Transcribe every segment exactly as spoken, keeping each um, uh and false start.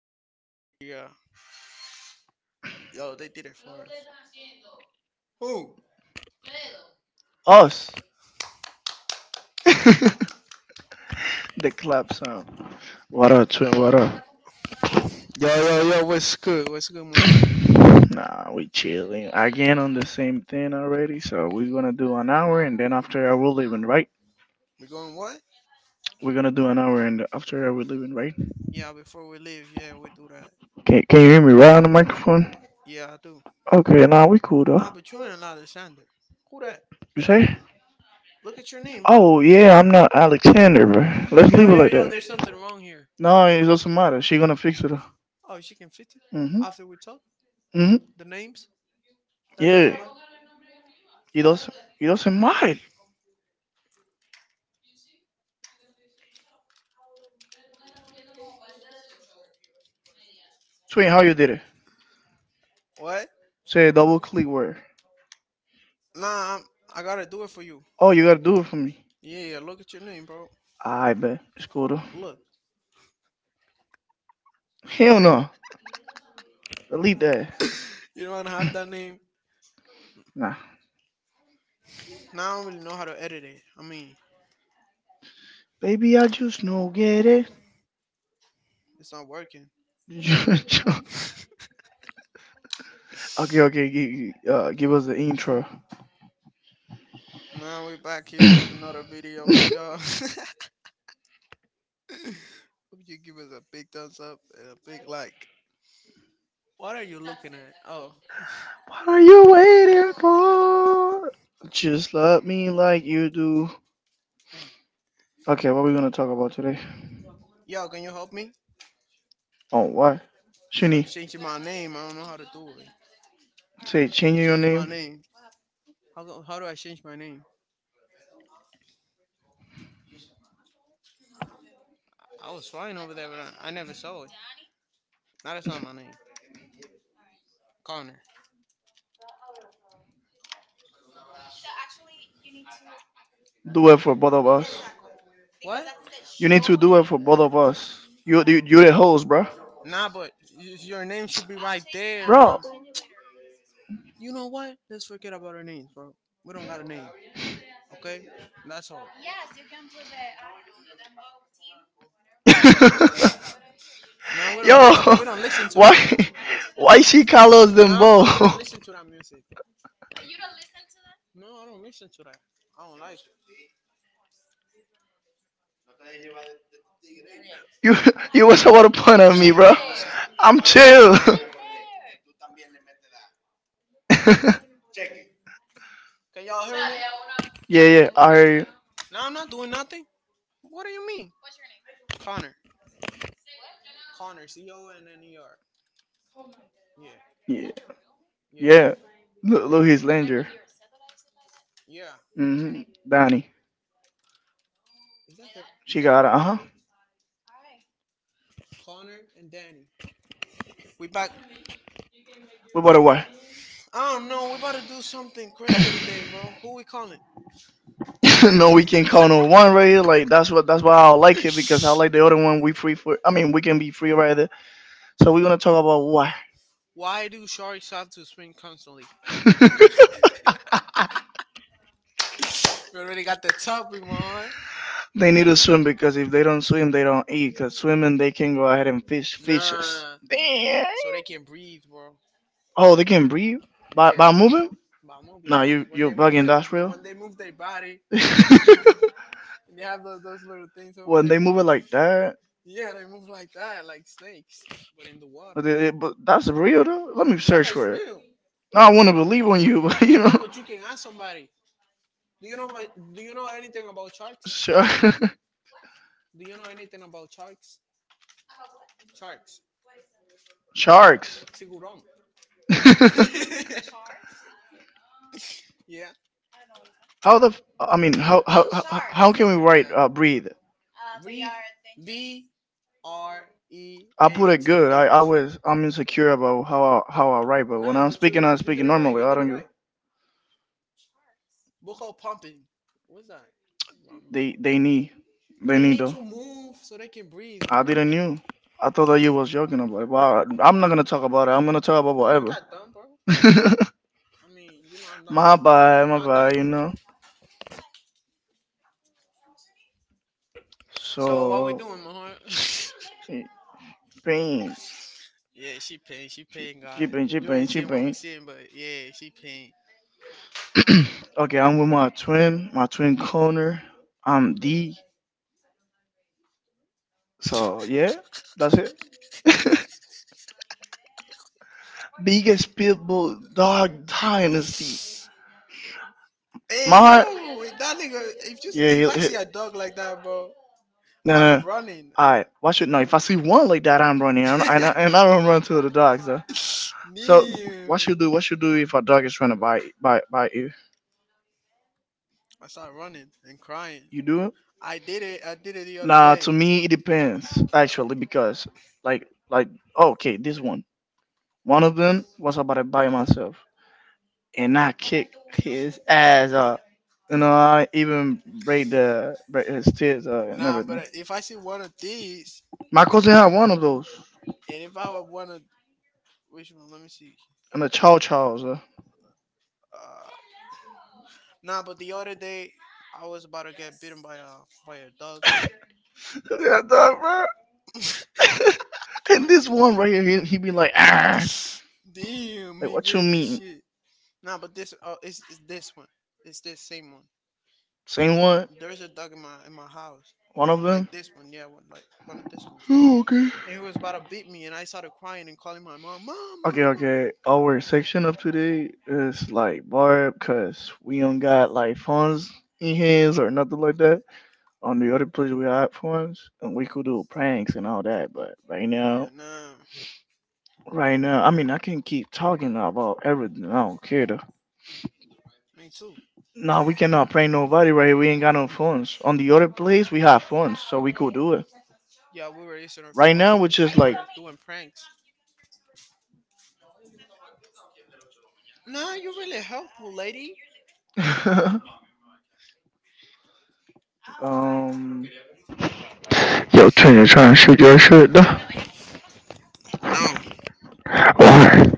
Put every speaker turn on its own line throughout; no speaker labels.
wait. Media. Yo, they did it for us. Who? Yo, Yo, yo, yo, what's good? What's good, my heart? We going what? Yeah, before we leave, yeah, we do that. Yeah, I do. Nah, but you ain't Alexander. Who that? Look at your name, bro. Yo, yo, yo, there's something wrong here. Oh, she can fit it? After we talk? The names? That doesn't matter? What? Nah, I'm, I gotta do it for you. Yeah, yeah, look at your name, bro. Look, you don't have that name. Now I don't really know how to edit it. I mean, it's not working. Now we're back here with another video for y'all. Hope you give us a big thumbs up and a big like. What are you looking at? Oh, yo, can you help me? I'm changing my name. I don't know how to do it. Change my name. How, go- how do I change my name? I was flying over there, but I, I never saw it. Now that's not my name. Connor. What? Nah, but y- your name should be right there, bro. You know what? Let's forget about our names, bro. We don't got a name, okay? That's all. Now we don't listen. We don't listen to that. No, but we don't listen to that music. No, I don't listen to that. I don't like it. Why me? Can y'all hear me? No, I'm not doing nothing. What do you mean? Connor. Connor, C O N N E R. Yeah. yeah. Yeah. Yeah. Is that your is that your real name? Connor and Danny. We back I don't know, we about to do something crazy today, bro. Who we calling? No we ain't. Why do sharks have to swim constantly? We already got the topic, man. And fish. Nah, so they can breathe, bro. Yeah, by by moving. Yeah, when they move the, the when they move their body, and they have those, those little things over there. Yeah, they move like that, like snakes, but in the water. Yeah, that's real. Nah, but you can ask somebody. Do you know? about- Do you know anything about sharks? Do you know anything about sharks? Sharks. Tiburón. Yeah. Yeah. Re- Breathe. B R E A T H. But Nah, when but you you did it right. out You did loud. It right. Book out pumping. What's that? Rumba. They need to move so they can breathe, bro. I'm not I'm not that dumb, bro. I mean, you know I'm dumb, but not that dumb. So what we doing, my heart? Yeah, she paying. She paying God. You ain't seeing what we seeing, but yeah, she paying. Hey yo, that nigga. If just if I see a dog like that, bro, I'm running. I'm. Damn. I start running and crying. I did it. I did it the other day. Nah, but if I see one of these, and if I were one of which one? Let me see. Uh, Nah, but the other day I was about to get bitten by a by a dog. Damn, he bit at this shit. Nah, but this uh, it's, it's this one. It's this same one. There's a dog in my in my house, like this one. Yeah, one like one of this ones. And he was about to beat me, and I started crying and calling my mom, mom, mom, mom. Yeah, nah. Me too. Yeah, we were using our phones and we were doing pranks. Nah, you really helpful, lady.
有自己专属爵士的
No,
bar。Amen.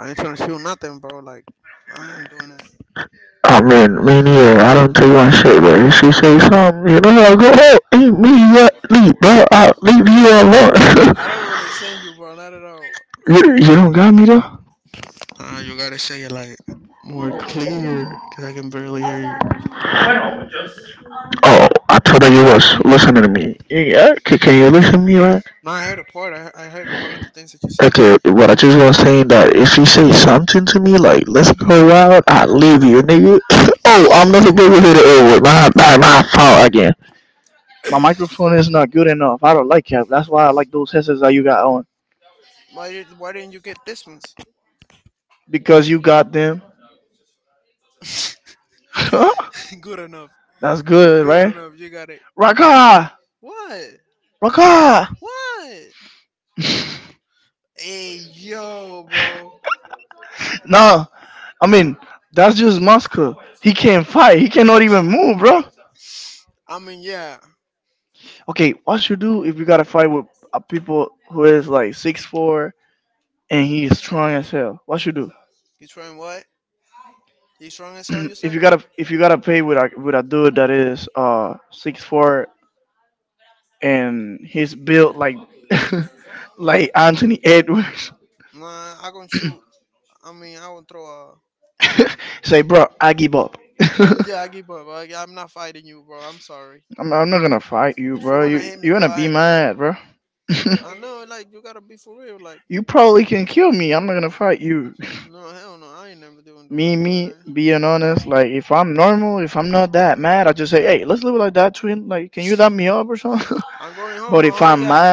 I ain't trying to shoot nothing, bro. Like, I ain't doing that.
Meaning, I don't take one shit, but if she say something, you know, I go, oh, ain't me yet, leave, bro, I'll leave you alone.
I don't understand you, bro. Not at all.
you, you don't got me though?
Uh, you gotta say it like more clear, cause I can barely hear you.
Oh, I told her you was listening to me. Yeah, can, can you listen to me, right?
Nah, I heard a part. I, I heard one of the things that you said, but
Okay, what I just was saying that if you say something to me, like, let's go out, I'll leave you, nigga. Oh, I'm not supposed to hit it over with My, my, my fault again.
why did why didn't you get this one? Good enough. Good enough. You got it. What? What? Hey, yo, bro. I mean, yeah. You trying what? He's strong as hell. You If said? Nah, I gonna shoot. I mean, I won't throw a. Uh, yeah, I give up. I, I'm not fighting you, bro. I'm sorry. I'm, if you wanna hit me, go ahead. And, I know, like you gotta be for real. Like, no, hell no, I ain't never doing doing doing that. I'm going home, but oh yeah.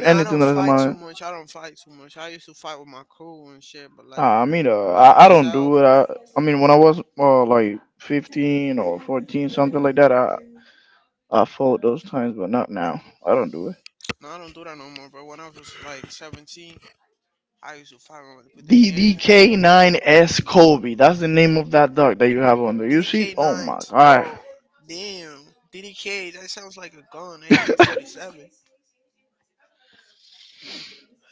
Now I everybody's don't fight too much. I don't fight too much. I used to fight with my crew and shit, but like by myself. No, I don't do that no more. But when I was like seventeen, I used to fight with with the gang. D D K nines, bro. Damn, D D K. That sounds like a gun. A K forty seven.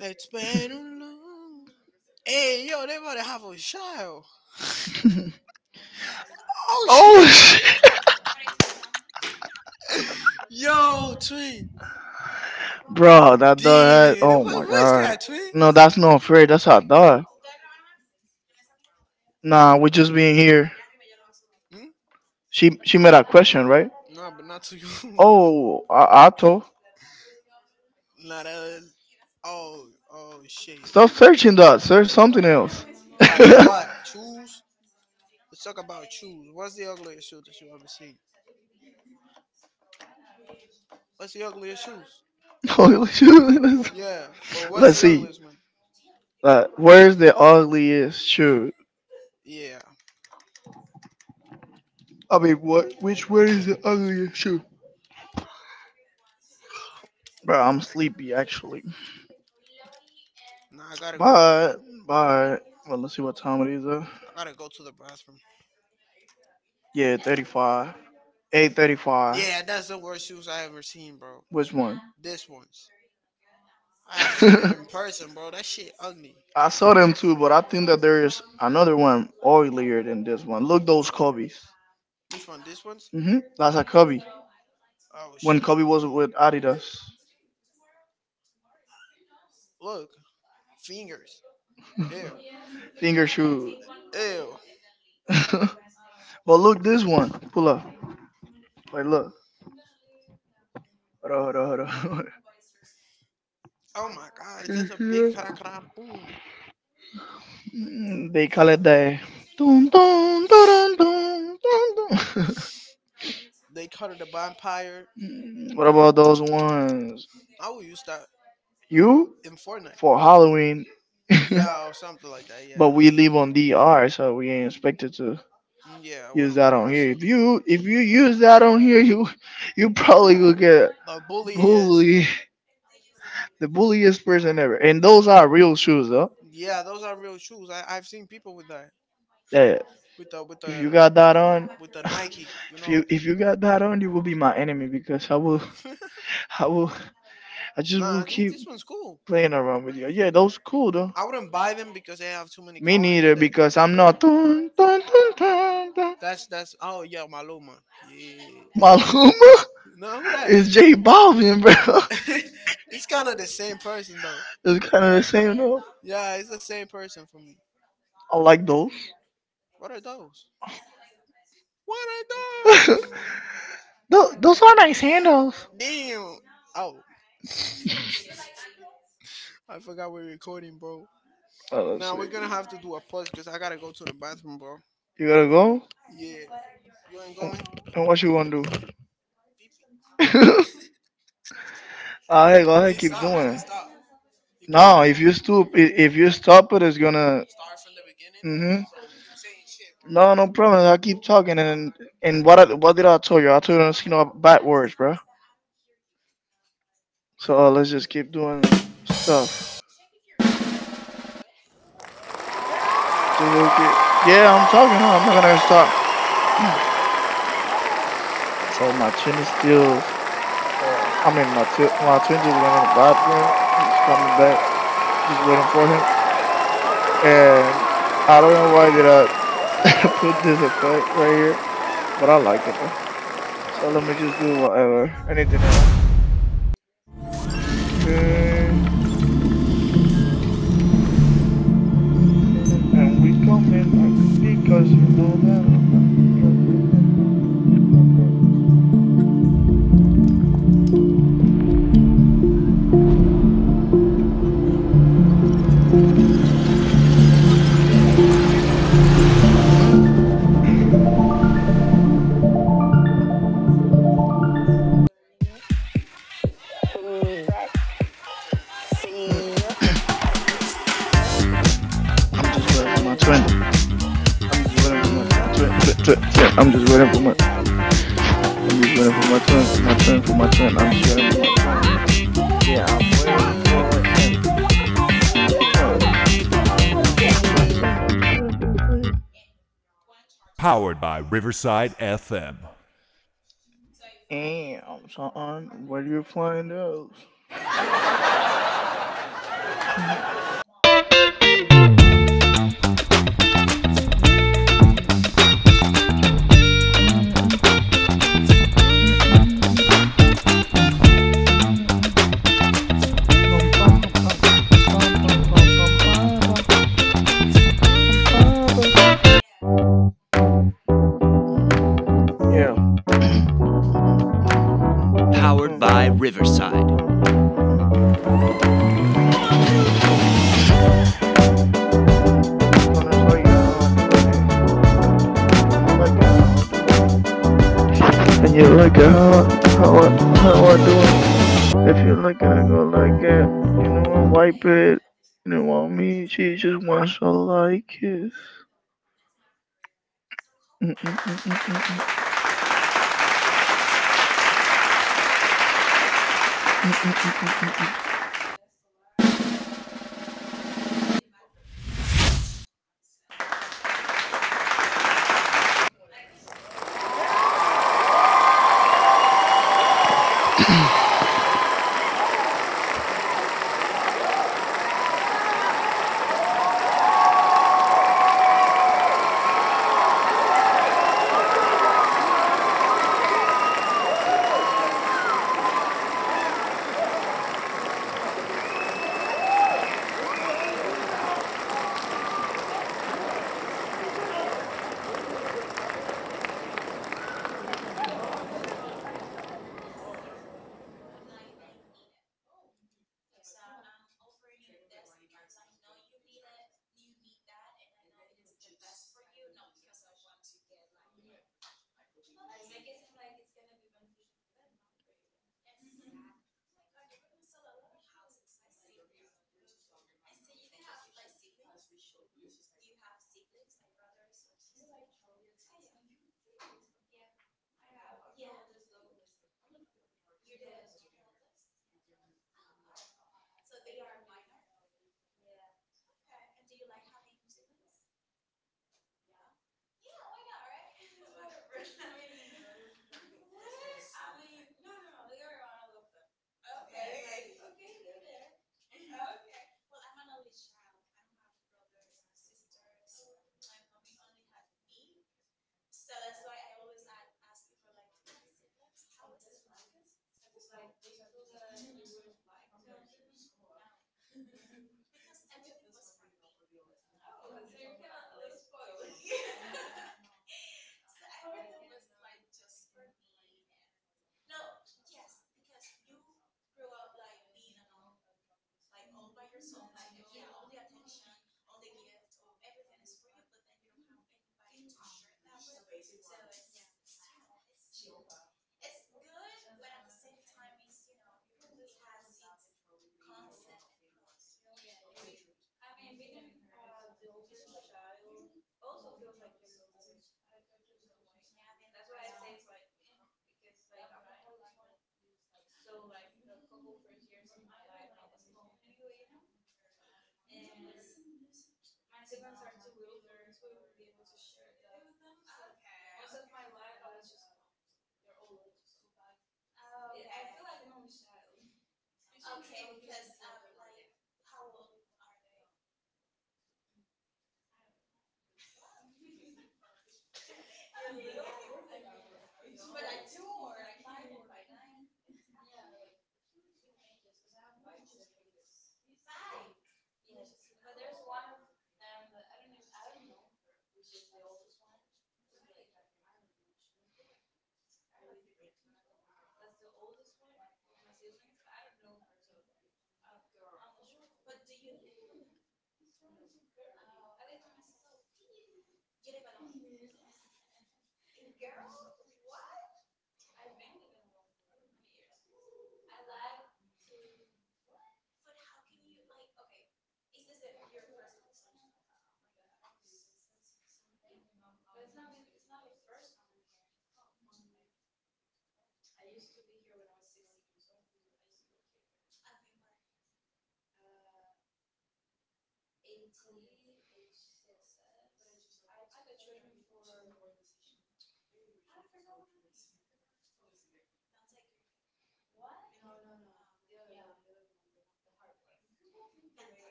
It's been a long. Hey, yo, they about to have a child. Oh shit. Yo, twin. Damn, what was that, twin? Hmm? No, but not to you. Oh, I, I don't. Not a. Oh, oh shit. Stop searching that. Search something else. Like what? Shoes? Let's talk about shoes. What's the ugliest shoe that you ever seen? What's the ugliest shoes? Yeah, but what's the ugliest one? Yeah. Nah, I gotta go. Uh, I gotta go to the bathroom. Eight thirty-five. Yeah, that's the worst shoes I ever seen, bro. This one's. I have seen it in person, bro. That shit ugly. Which one? This one's? Oh When shit. Kobe was with Adidas. Look, fingers. Ew. Ew. Oh my gosh, that's a big kara kara boom. They called it a vampire. I will use that in Fortnite. Yeah, or something like that. Yeah. Mm, Yeah, we don't. We don't. sell- The bully is. Yeah, those are real shoes. I I've seen people with that. With the with the with the Nike. You know. The, nah, this this one's cool. I wouldn't buy them because they have too many colors, but they but they cool. That's that's oh yeah, Maluma. Yeah. No, who that? It's kind of the same person though. Yeah, it's the same person for me. What are those? What are those? Damn. Oh, I forgot we're recording, bro. Now we're gonna have to do a pause because I gotta go to the bathroom, bro. Yeah. You ain't coming? He stops. He stops. You can start from the beginning.
And you look at her.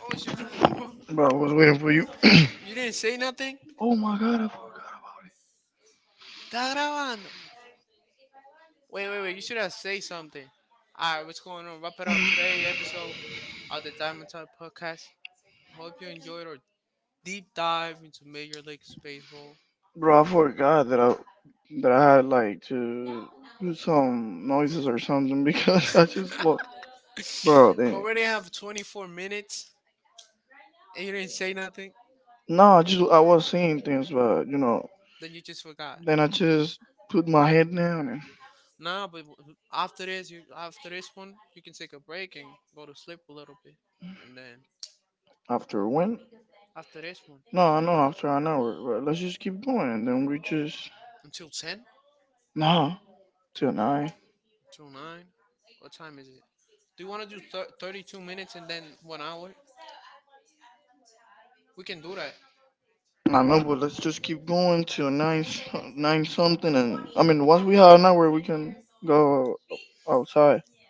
Oh, what was you doing, bro? You didn't say nothing? Está grabando. Wait, wait, wait. You should have said something. All right, what's going on? Wrap it up. Today episode of the Diamond Time Podcast. Hope you enjoyed our deep dive into Major League Baseball. We already have twenty-four minutes, and you didn't say nothing. Then you just forgot. Nah, but after this, you after this one, you can take a break and go to sleep a little bit, and then after this one, until ten? Until nine? What time is it? Do you want to do thir- thirty-two minutes and then one hour? We can do that.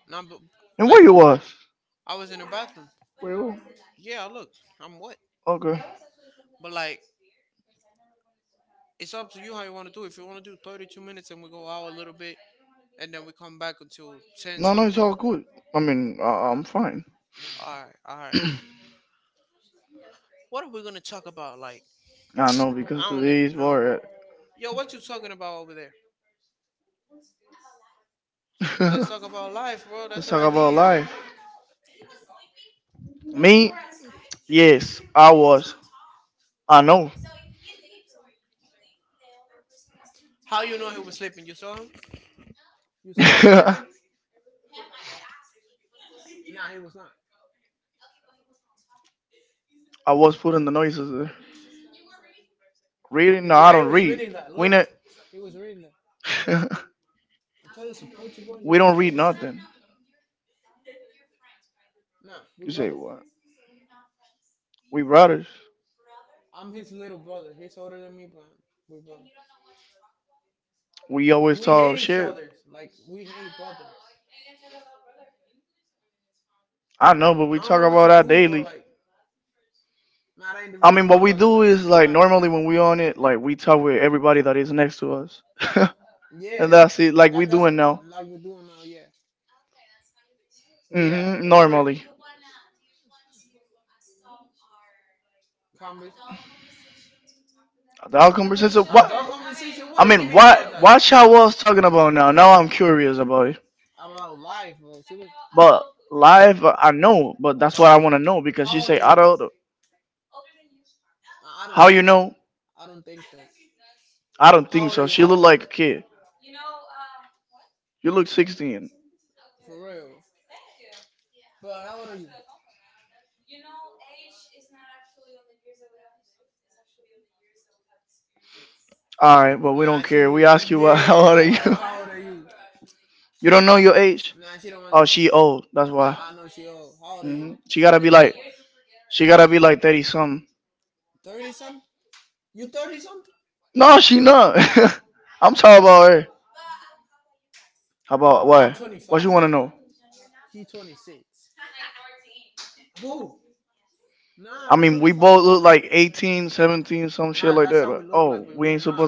Not but, like, I was in the bathroom. Yeah, look, I'm wet. But like, it's up to you how you want to do. it. If you want to do thirty-two minutes and we go out a little bit and then we come back until ten something. All right, all right. What are we gonna talk about? Like, I don't even know, bro. Yo, what you talking about over there? Let's talk about life, bro. That's an idea. How you know he was sleeping? You saw him? You saw him sleeping? Nah, he was not. Yeah, he was reading that. Look, he was reading that. I'm trying to support you, bro. You keep saying the truth. Nah, we brothers. I'm his little brother. He's older than me, but we're brothers. We hate each other. Like we hate brothers. I don't know what you do, bro. Like, nah, that ain't really my brother, man. Nah, yeah. Like that's like we're doing now. Yeah, yeah. And we were. Convers- Conversation? What do you mean why, about that? I'm on live, bro. She was, adult? How old are you? I don't think so. I don't think so. How old are you? How old are you? For real. But how old are you? Nah, she, yeah. What, how old are you? you Nah, she don't want I, I know she old. How old are you? thirty something? You thirty something? I'm twenty-five. He twenty-six. Who? Nah, I'm twenty-five. Nah, that's how we look like, but we're not.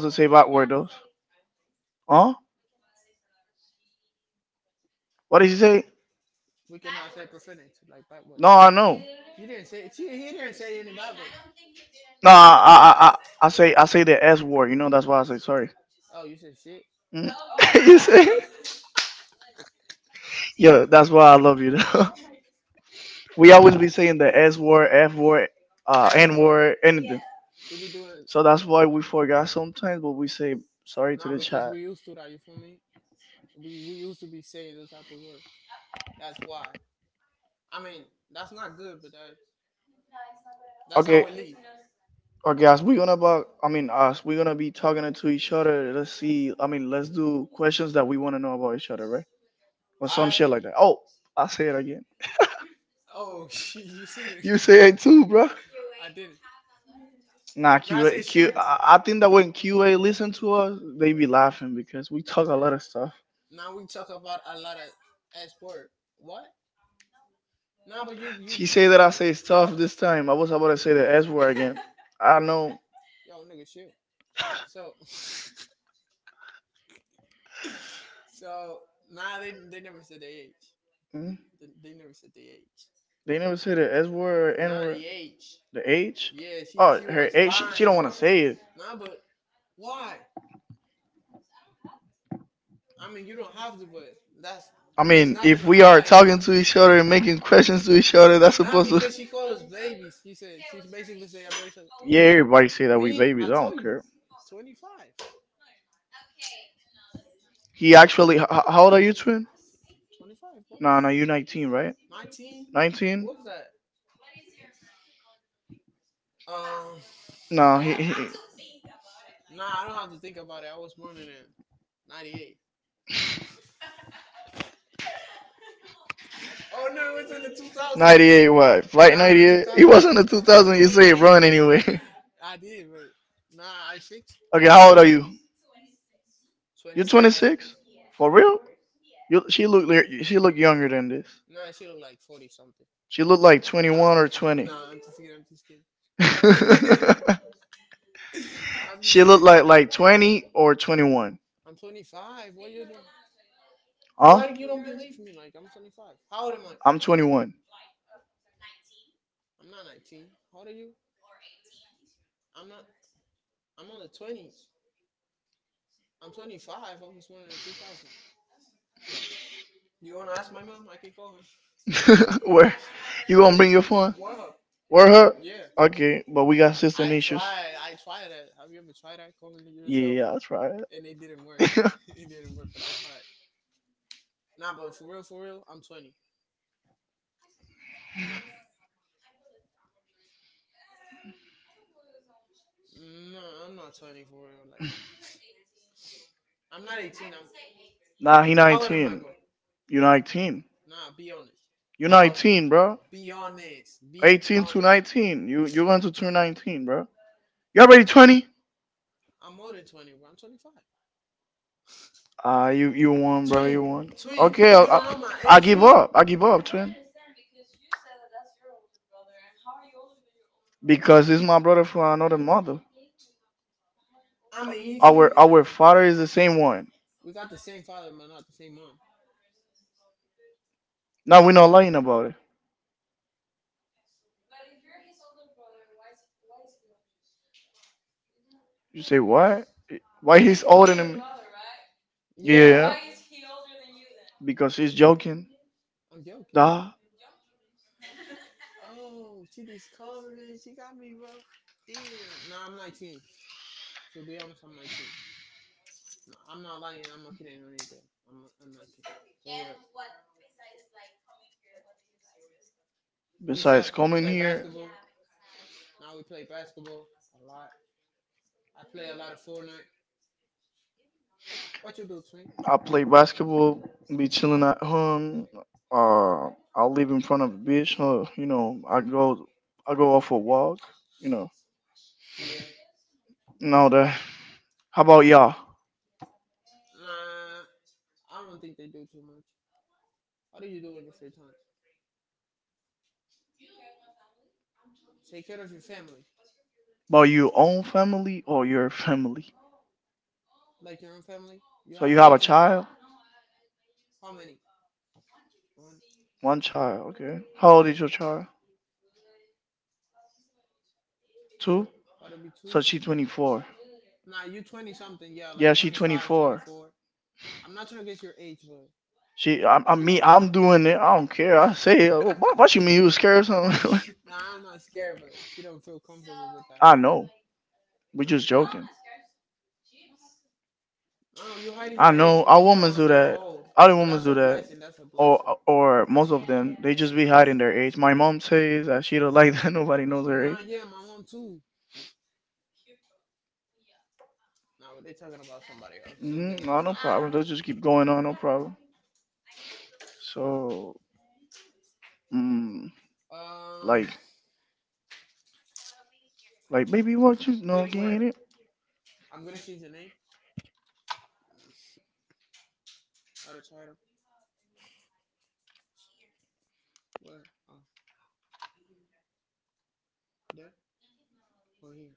We cannot say profanity like backwards. You didn't say. See, he didn't say any backwards. Oh, you said shit. And word. We be doing. Nah, because we used to that. You feel me? We we used to be saying those type of words. That's why. I mean, that's not good, but that that's how we live. I Oh you said it. You said I didn't. Now I say shoes. Now we talk about a lot of S word. What? Nah, but you you Y'all- again. Yo, nigga shit. So so, nah, they they never said their age. They, they never said their age. They Nah, the age. The H. Yeah, she Oh, she was lying, but nah, but why? I mean, you don't have to, but that's there's nothing to if hide. Not because she called us babies. She said she basically said I'm very sorry. Yeah. Me, I, no, told you, twenty-five, twenty-five. What? Boy, you're nineteen, nineteen. nineteen? What's that? Um, nah, I don't have to think about it. I was born in uh, ninety-eight. Oh no, it was in the two thousand. Nah, in the two thousand it it was. Wasn't I did, but nah, I fixed twenty-six? Nah, she looked like forty something. Or twenty. Nah, I'm just kidding. I'm just kidding. What? I'm just kidding. twenty or twenty-one. I'm twenty-five. What you doing? Why do you don't believe me? Like I'm twenty-five. How old am I? twenty-one. I'm not nineteen. How old are you? I'm not. I'm on the twenties. I'm twenty-five. I was born in two thousand. You wanna ask my mom? I can call her. You phone? What up? Yeah. I tried. I tried that. Have you ever tried that? Calling yourself? And it didn't work. It didn't work, but I tried. Nah, but for real, for real, I'm twenty. Nah, no, I'm not twenty for real. Like, I'm not eighteen. I'm. How old am I, bro? Nah, be honest. How old? Be honest. Be honest. I'm more than twenty, bro. I'm twenty-five. Twin, twin, you don't know my age, twin. I mean, he's human. We got the same father, but not the same mom. Yeah, I'm joking. Oh, she discovered. She got me, bro. Damn. No, I'm nineteen. So be honest, I'm nineteen. No, I'm not lying. I'm not kidding or anything. I'm, I'm nineteen. For real. Besides, play basketball. Now we play basketball a lot. I play a lot of Fortnite. What you do, twin? Mm, Yeah. Nah, I don't think they do too much. What do you do in your free time? Take care of your family, like your own family. You have kids and how many? One. Okay. That'll be two. Nah, you twenty something. Yeah, like twenty I'm not trying to guess your age, but you're around that. Nah, I'm not scared, but she don't feel comfortable with that. Nah, oh, you're hiding your age because you don't want to feel old. But that's a blessing. That's a blessing. Nah, yeah, my mom too. Nah, but they talking about somebody else, something else now. So, um, click where? I'm gonna change the name of the title. Where? Oh, there or here?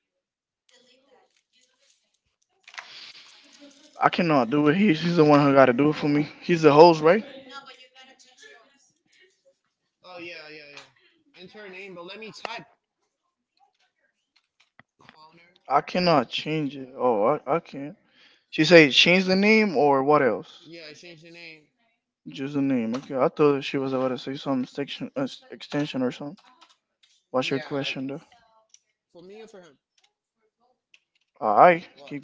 Oh yeah, yeah, yeah. Enter a name, but let me type. Connor. Yeah, change the name. Yeah, like for me or for him. What?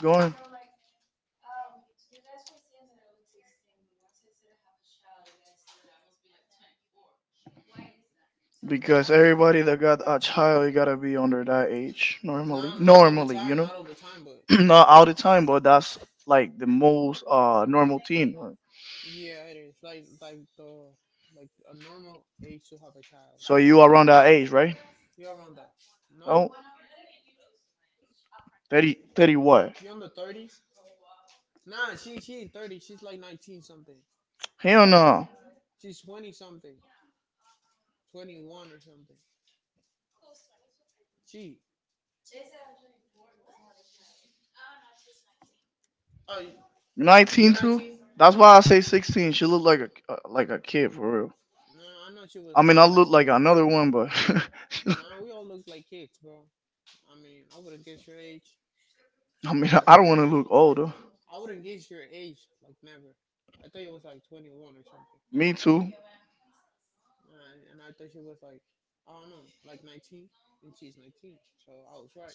Not not all the time, not all the time, but yeah, it is like like the like a normal age to have a child. I think. You around that. No? You on the thirties? Nah, she she ain't thirty. She's like nineteen something. She's twenty something. Twenty one or something. She oh nineteen. You're nineteen? No, I know she was lying I or something. Another one, but no, we all look like kids, bro. I mean, I wouldn't guess your age. I remember their age. I wouldn't guess your age, like never. I thought it was like twenty-one or something. Uh, and- and I thought she was like, I don't know, like nineteen. And she's nineteen. So I was right.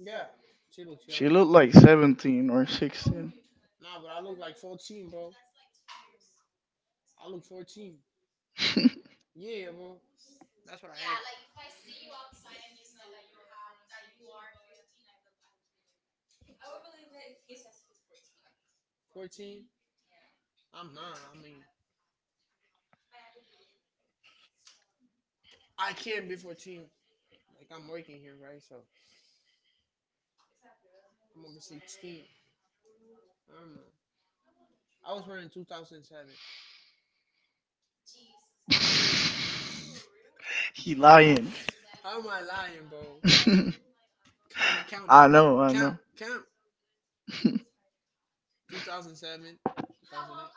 Yeah, she looks young. She looked like seventeen or sixteen. Nah, but I look like fourteen, bro. I look fourteen. Yeah, bro. That's what I am. fourteen? I'm not. I mean, I can't be fourteen. Like I'm working here, right? So I'm over sixteen. I'm, uh, I was running twenty oh seven. How am I lying, bro? Count it, count it. Count, count. two thousand seven, twenty oh eight.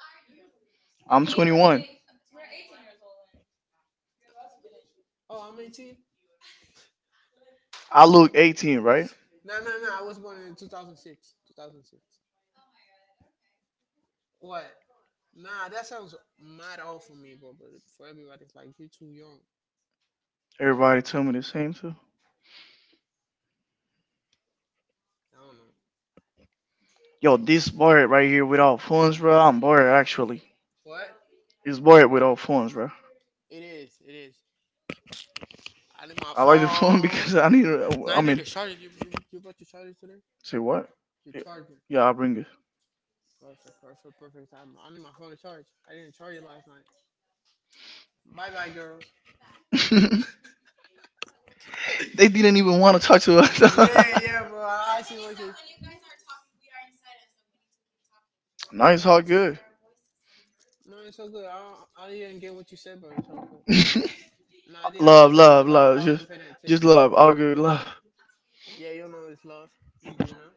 Oh, I'm eighteen? Nah, nah, nah. I was born in two thousand six. two thousand six. What? Nah, that sounds mad old for me, bro. But for everybody, it's like, you're too young. I don't know. What? It is. It is. I need my phone. Now I need to charge it. You, you, you brought your charger today? Your charger. Perfect, perfect, perfect time. I need my phone to charge. I didn't charge it last night. Bye bye, girls. They didn't even want to talk to us. Yeah, yeah, bro. I actually want to. When you guys are talking, we are inside us, so we need to keep talking. No, it's all good. I, don't- I didn't get what you said, but it's all good. No, I didn't understand because I, I wasn't paying attention. Yeah, you know it's love with Yuna.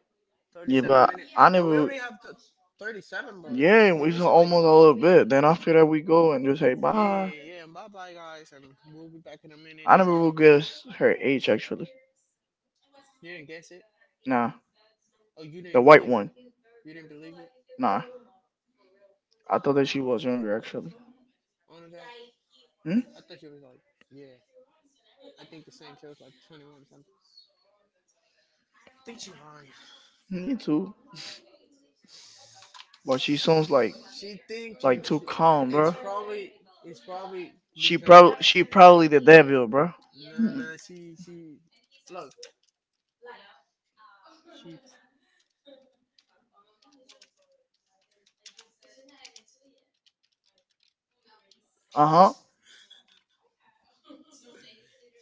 thirty-seven minutes. But we already have to thirty-seven, bro. It's- Yeah, We're we missing like a little bit. Then after that, we go and just hit five. Yeah, yeah. And bye bye, guys. And we'll be back in a minute. And. Who gives her age actually? You didn't guess it? Oh, you didn't believe it. You didn't believe it? On that? I thought she was like, yeah. I think the same. She was like twenty-one or something. I think she lying. She sounds like She thinks she, she- it's probably it's probably she because probably she probably the landfill, bro. No, no, she she look she.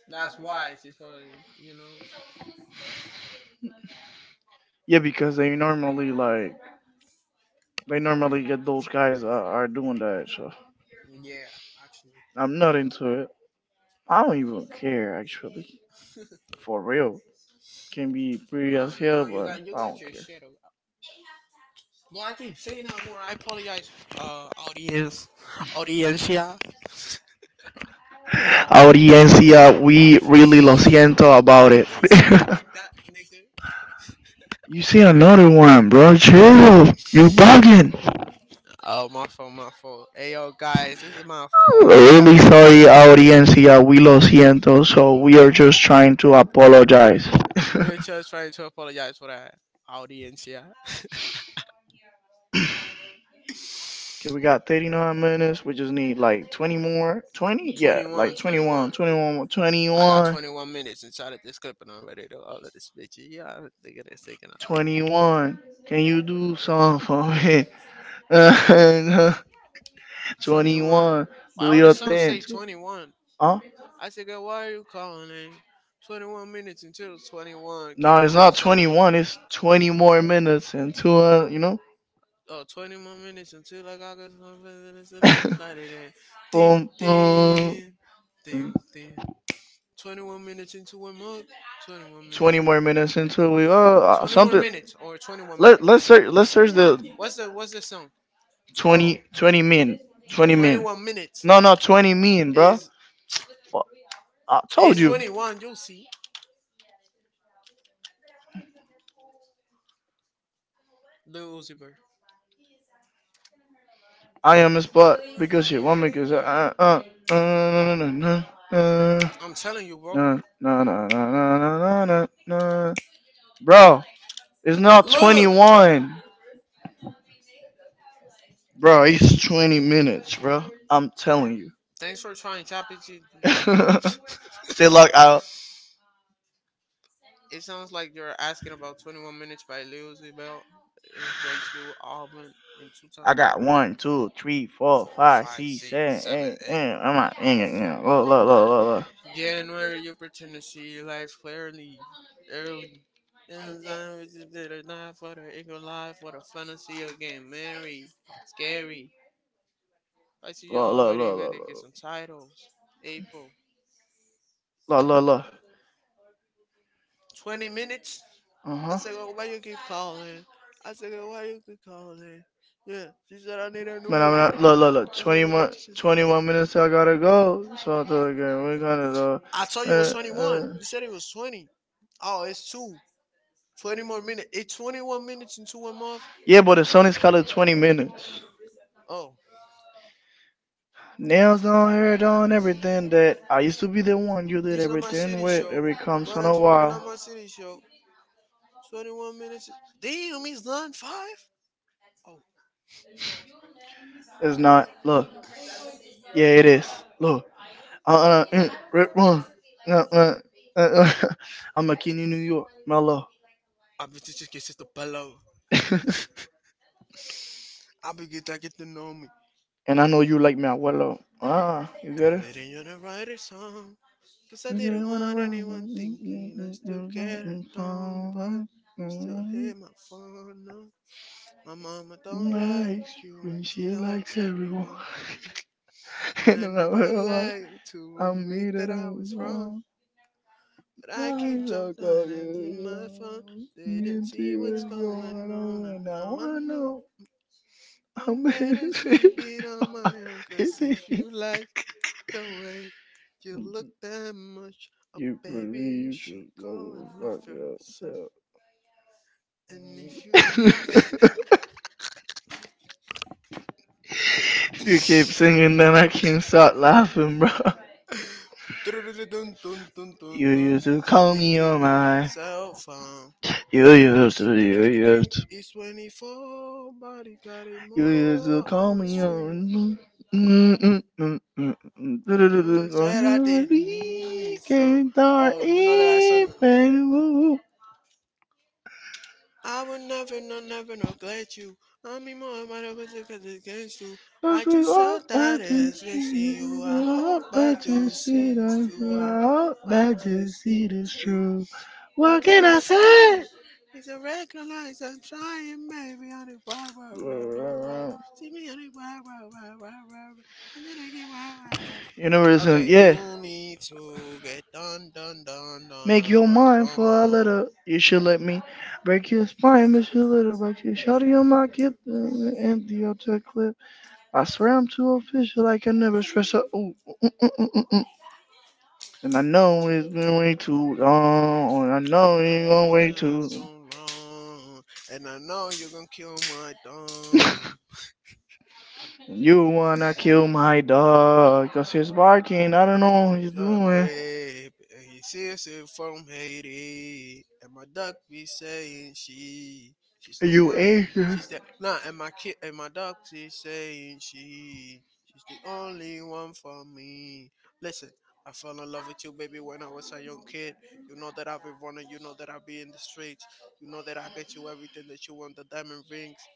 That's why she probably, you know. Yeah, actually. I don't know. You got you got your shit. o- Yeah, I keep saying that word. I apologize, uh, audience, audiencia.
Audiencia, we really lo siento about it.
Please not be that nigga. Oh, my fault, my fault. Hey, yo, guys, this is my fault. I'm kind
Really
of
sorry, audiencia, we lo siento. So we are just trying to apologize.
we're just trying to apologize for that, audiencia. Twenty one, twenty one. I got twenty-one minutes inside of this clip and I'm ready to upload this bitch. Yeah, I'm thinking a second. I'm thinking twenty-one. Why would a song say twenty-one? I said, girl, why are you calling it? twenty-one minutes until twenty-one. Can you do a song for me? Oh, twenty more minutes until like August first, and it's- and it's like ding, ding, ding, ding. twenty-one minutes into a mug. twenty-one minutes in. twenty-one minutes or twenty-one minutes. What's the what's the song? Oh, twenty-one minutes. Is it's twenty-one. You'll see, Lil Uzi Vert. I'm telling you, bro. Look. Thanks for trying, Chappie. It sounds like you're asking about twenty-one minutes by Lil Uzi Vert. It's Rachel Auburn in two times. I got one, two, three, four, five, six, January, you pretend to see life clearly early. And time is that or not for the eagle life, for the fantasy of getting married. Scary. I see you already ready to get some titles. April twenty minutes? I said, oh, why you keep calling? I said, oh, why you keep calling? Yeah, she said, I need a new one. That's not that she's falling. I told you it was twenty-one. You said it was twenty. Oh, it's two. Twenty more minutes. It's twenty one minutes into a month. Oh, this not my city show, but I treat it like my city show. Twenty one minutes. Damn, it's nine five. Oh, I be teaching kisses to pillow. I be get I get to know me, and then they didn't wanna write a song. 'Cause I didn't want anyone thinking I still care a ton, but you still hit my phone. No. My mama don't like you and she likes everyone. And I never like to admit that I was wrong. But I keep so silent in my phone. They didn't see what's going on, and now I know I'm better sleeping on my own. 'Cause if you like the way you look that much, oh baby, you should go and love yourself. And if you think it can be so fun. Tiki tiki ting is twenty-four, body got it more hours for you. Mm, said I didn't need some. Oh, you know that I sung. I would never, no, never neglect you. I mean, more of my because it's against you. I just saw that it's against you. I hope I do see this too. I hope I do see this too. What can I say? It's a recognize I'm trying, baby. On it, wow, wow, wow, wow, wow. See me on it, wow, wow, wow, wow, wow. I'm gonna get wow, wow, wow. Okay, you need to get done, done, done, done. Not to work, come over. It's been so long, and I know you're gonna kill my dog. Duck crepe, and he sees it from Haiti. And my duck be saying she, she's the one, she's the nah. And my kid, and my duck is saying she, she's the only one for me. Listen, I fell in love with you, baby, when I was a young kid. You know that I've been running, you know that I be in the streets, you know that I get you everything that you want, the diamond rings.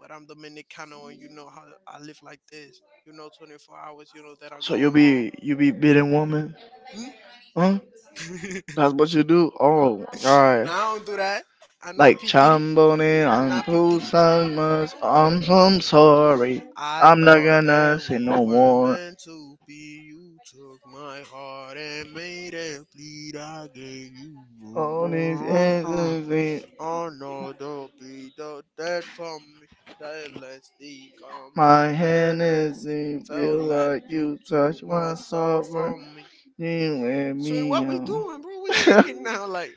But I'm Dominicano, and you know how I live like this. You know, twenty-four hours, you know that I'm going home. Hmm? No, I don't do that. I'm not P Diddy. I'm not P Diddy. I thought that we were meant to be. You took my heart and made it bleed. I gave you more. Oh no, don't be the dead for me. That last stick on my hand and see. Felt like you took my soul from me. So what we doing, bro? We singing now, like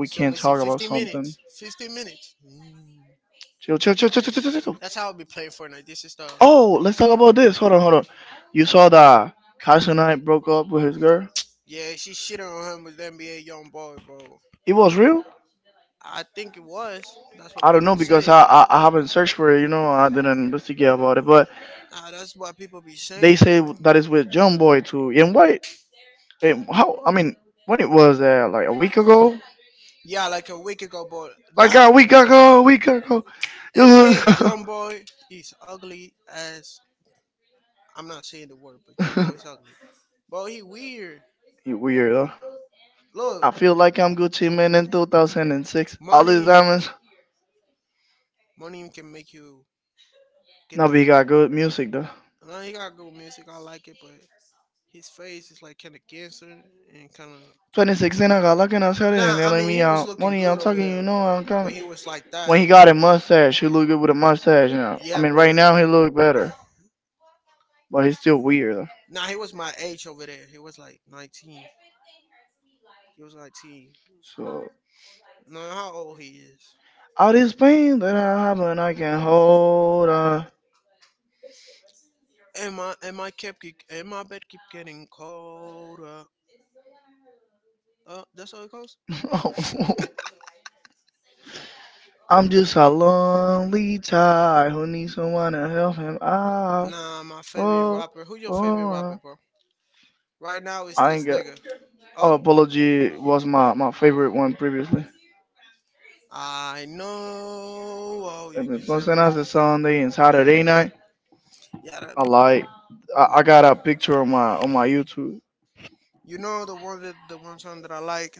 we're still missing fifty minutes. fifty minutes. Mm. That's how I'll we play Fortnite. This is the yeah. she shit on him with N B A Young Boy, bro. I think it was. That's what people saying. Nah, that's what people be saying, you know. Yeah, like a week ago, but that N B A Young Boy is ugly as I'm not saying the word, but you know it's ugly. Bro, he weird. Look, money, money can make you get the. No, he got good music. I like it, but his face is like kind of cancer and kind of. Nah, I mean he was looking good over there when he was like that. Yeah, but nah, he was my age over there. He was like nineteen. He was nineteen. No, how old he is? And my and my cap keep and my bed keep getting colder. Oh, that's how it goes. Nah, my favorite rapper. Who your favorite rapper, bro? Right now it's this nigga. Oh, I know. Oh, you can say it in the night. Yeah, that, you know the one that the one song that I like.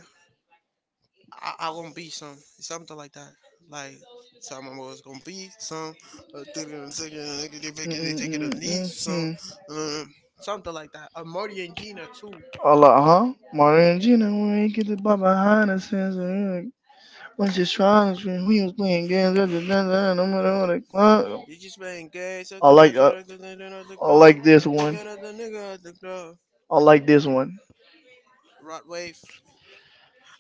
I, I gonna be some something like that. Like tell my mother's gonna be some uh, taking they taking a need some uh, something like that. A Marty and Gina too. You just been gay, so the rest of the the club. Looking at the nigga at the club. Rod wave.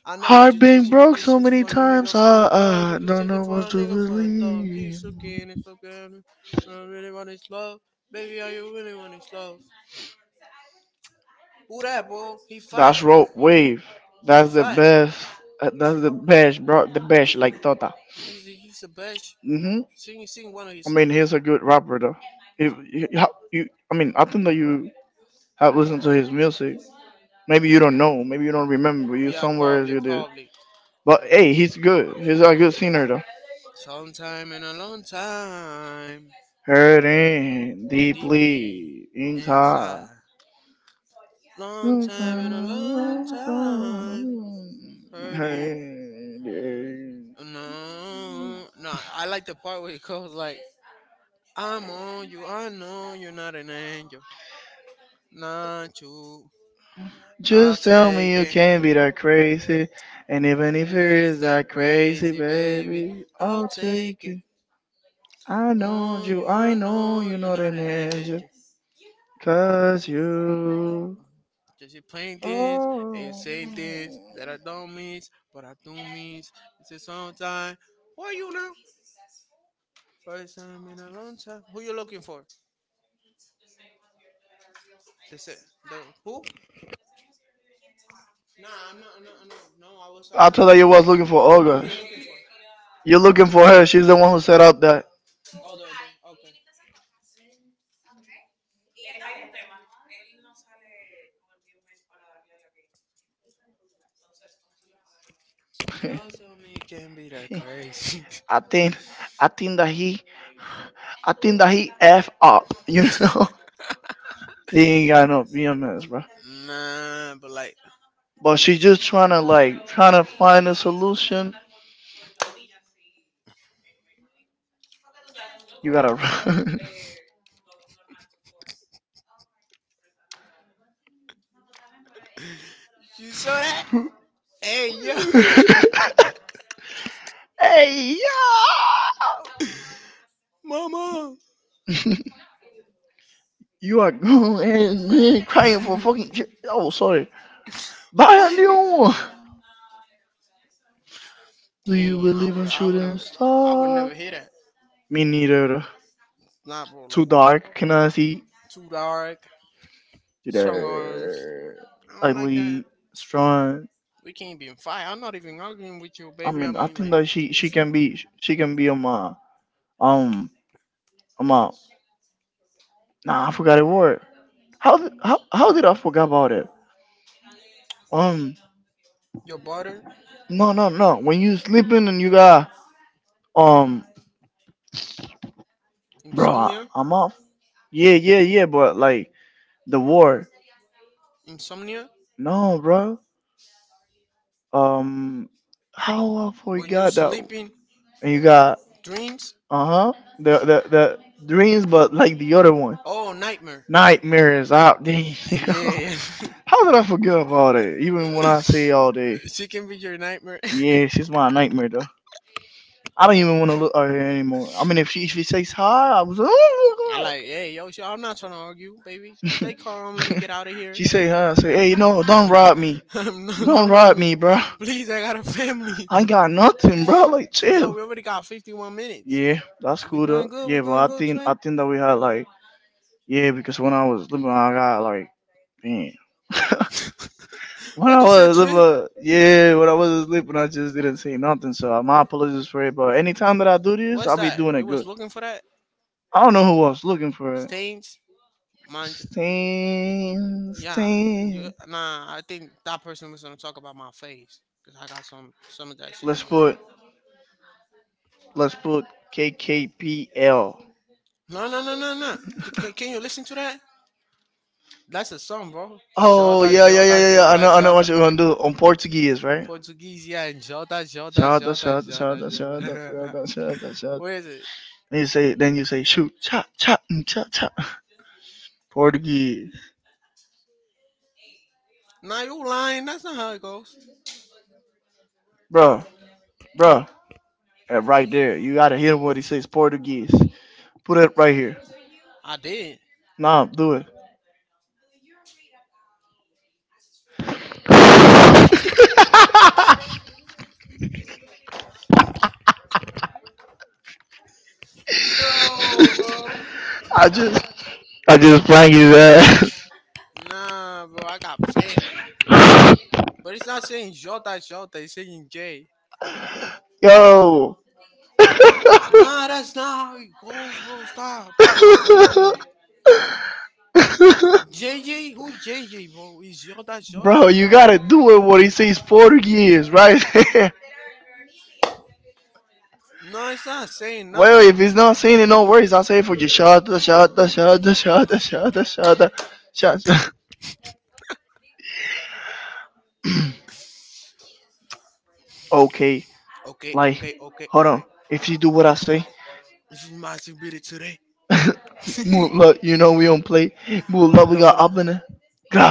I know what you're chasing. You're just searching for a nigga for a thug. You can searching for a nigga for a thug. Keep looking, it's okay. I don't really want this love. Baby, are you really want this love? Who that, bro? He fat. He fat. He's the, he's the best. Sing sing one of his songs. Yeah, probably, probably. Sometime in a long time, deeply inside. Long time in a long time, hurting. No, no. I like the part where it goes like, "I'm on you. I know you're not an angel, not you. I'll take it. And if it is that crazy, baby, I'll take it. Mom, you all know you're not an angel. Just you playing things and you saying things that I don't mean, but I do mean." It's a song time. Who are you now? First time in a long time. Who you looking for? That's it. The, who? Nah, I'm not, I'm not, no, no. I was asking you. Who you looking for? Oh, the, the okay. Doesn't mean it can be that crazy. Nah, but like, you saw that? Hey, yo, mama, Biden. Damn, I would, I would have, I would never hear that. Nah, bro, like too dark, strong arms. I don't like that. We can't be in fight. I'm not even arguing with you, baby. I mean, like, if you your body, insomnia, insomnia, when you're sleeping, dreams, oh nightmare. Yeah. she can be your nightmare. I'm like, hey, yo, she- I'm not trying to argue, baby. Stay calm. Let me get out of here. No, no, me. Please, I got a family. Yo, we already got fifty-one minutes. We going good. We going good, twin. What you said, twin? What's that? You was looking for that stains? Mine, yeah. You, nah, I think that person was gonna talk about my face because I got some some of that shit in my. No, no, no, no, no. D- Can, can you listen to that? That's a song, bro. Jota, Jota, Jota, Jota. Portuguese, yeah, and Jota, Jota, Jota, Jota, Jota. Where is it? Nah, you lying. That's not how it goes. I did. My dad did.
I just playing you that.
Nah, bro, I got pain. But it's not saying Jota, Jota. It's saying J. Nah, that's not how it goes, bro. Stop, stop playing me. J J, who's J J, bro? It's Jota, that's Jota. No, it's not saying nothing. Okay, okay, okay, okay. If you masturbated today, more love it off. Uh,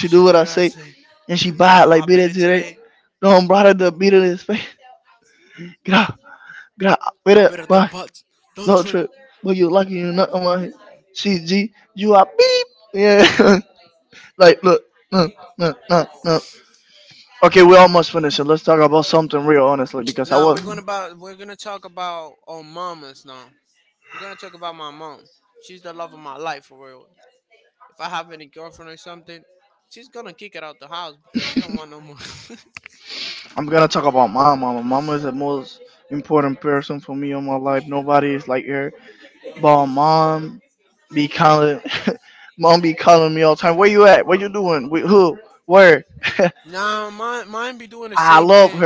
If you do it, I say, she better, I bet it today. I bet it the butt. Don't trip. Now we're gonna about we're gonna talk about our mamas now. I'm gonna talk about my mom. She's the love of my life for real. If I have any girlfriend or something, she's gonna kick it out the house because she don't want no more. Nah, mine mine be doing the same thing.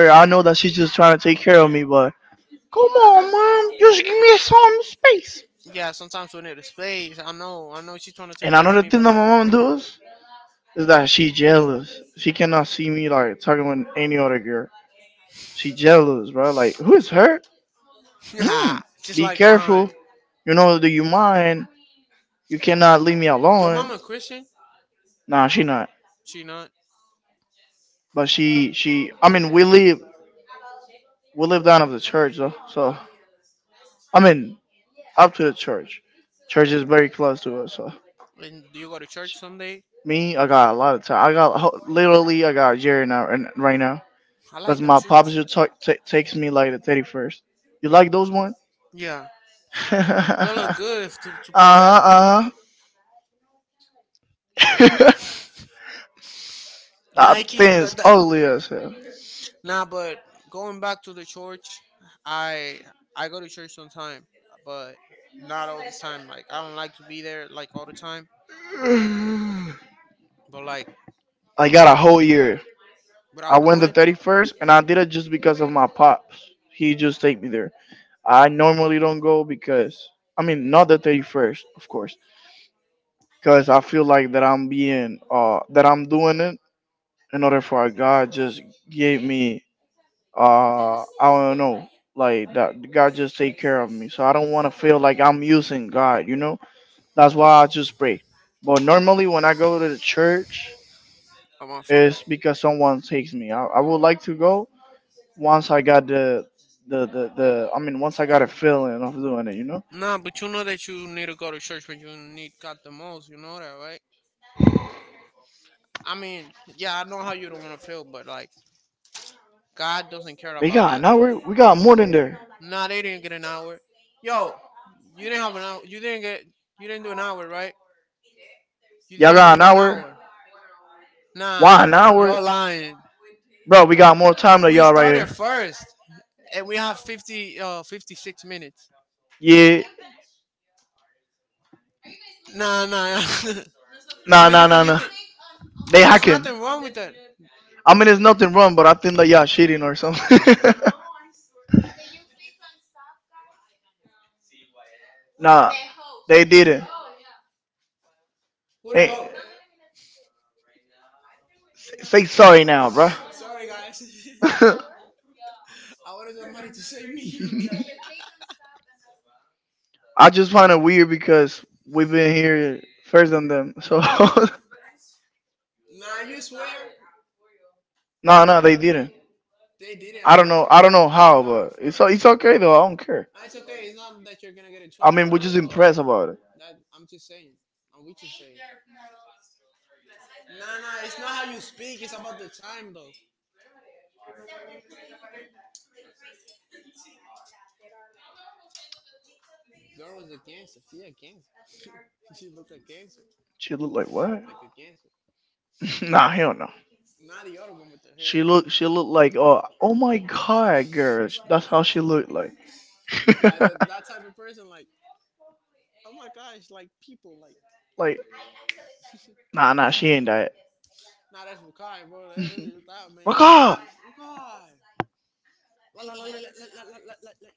Yeah, sometimes we need a space. I know, I know she's trying to take care of me, but like, just like mine. Your mama Christian? She not? And do you go to church someday? I like them shoes. Yeah, they look good if to, to play basketball. Nike. That, that. Nah, but going back to the church, I I go to church sometime, but not all the time. Like I don't like to be there like all the time. But like without going, I'm on phone. Nah, but you know that you need to go to church when you need God the most. You know that, right? I mean, yeah, I know how you don't want to feel, but like God doesn't care about that. Nah, they didn't get an hour. Yo, you didn't have an hour. You didn't get. You didn't do an hour, right? You didn't do one hour. Nah, you're lying. We started first, and we have fifty, uh, fifty-six minutes. Nah, nah. I mean, you can, you can. There's nothing wrong with that. Who the hell? Sorry, guys. I wanted somebody to save me. Nah, you swear? They didn't. I know. These are the first. Nah, it's okay. It's not that you're gonna get in trouble or nothing, but like that, I'm just saying. And we just saying. Nah, nah. It's not how you speak. It's about the time, though. Girl was a cancer. She a cancer. She looked a cancer, like a cancer. Not the other one with the hair, like, like that that type of person. Like, oh my gosh, like people, like. Nah, that's Wakai, bro. That, that, that man is funny. Wakai. La la la la la la la la la. La.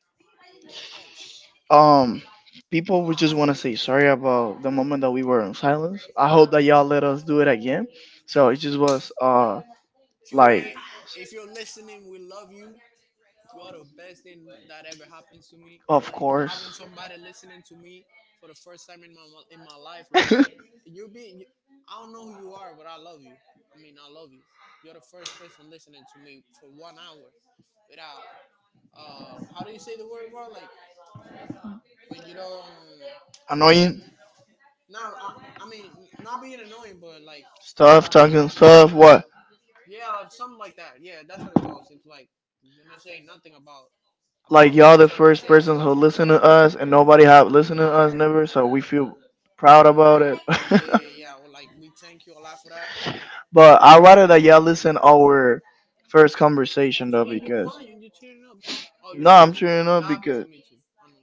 Q A, if you're listening, we love you. You are the best thing that ever happened to me. Like having somebody listening to me for the first time in my in my life. Like you're being, I don't know who you are, but I love you. I mean, I love you. You're the first person listening to me for one hour without. Uh, how do you say the word, bro? Like when you don't. Now, I, I mean, not being annoying, but like yeah, like, something like that. Yeah, that's how it goes. It's like you're not saying nothing about about me talking shit for the yeah, yeah. Well, like we thank you a lot for that. See, you crying, you tearing up, bro. Oh, you sleepy. That happens to me too. I know.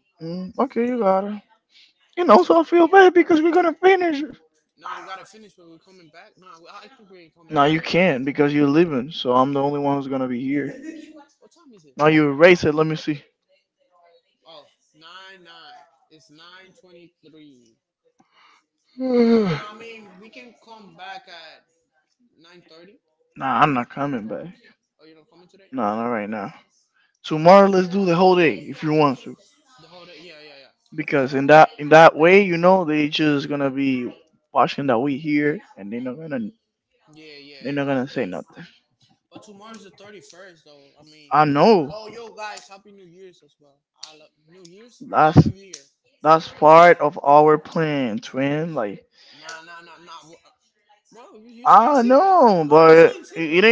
Now we gotta finish, but we're coming back. No, we- I think we ain't coming back. Huh? What time is it? Oh, nine nine. It's nine twenty-three. No, no, I mean we can come back at nine thirty. Oh, you don't coming today? All right. The whole day. Yeah, yeah, yeah. Yeah, yeah, yeah. But tomorrow's the thirty-first, though. I mean, oh, yo, guys, Happy New Year's as well. I love New Year's? Not New Year. Nah, nah, nah, nah. Bro, you, you're saying secrets. No, you're saying secrets.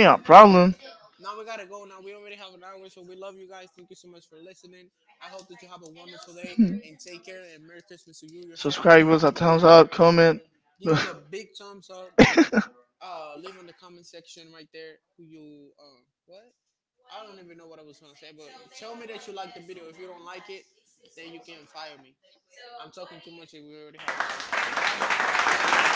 Now we gotta go. Now we already have an hour, so we love you guys. Thank you so much for listening. I hope that you have a wonderful day and take care. And Merry Christmas to you, your family. Happy New Year. Give us a big thumbs up uh leave on the comment section right there who you uh what. I don't even know what I was gonna say, but tell me that you like the video. If you don't like it, then you can fire me. I'm talking too much and we already have an hour, so bye bye.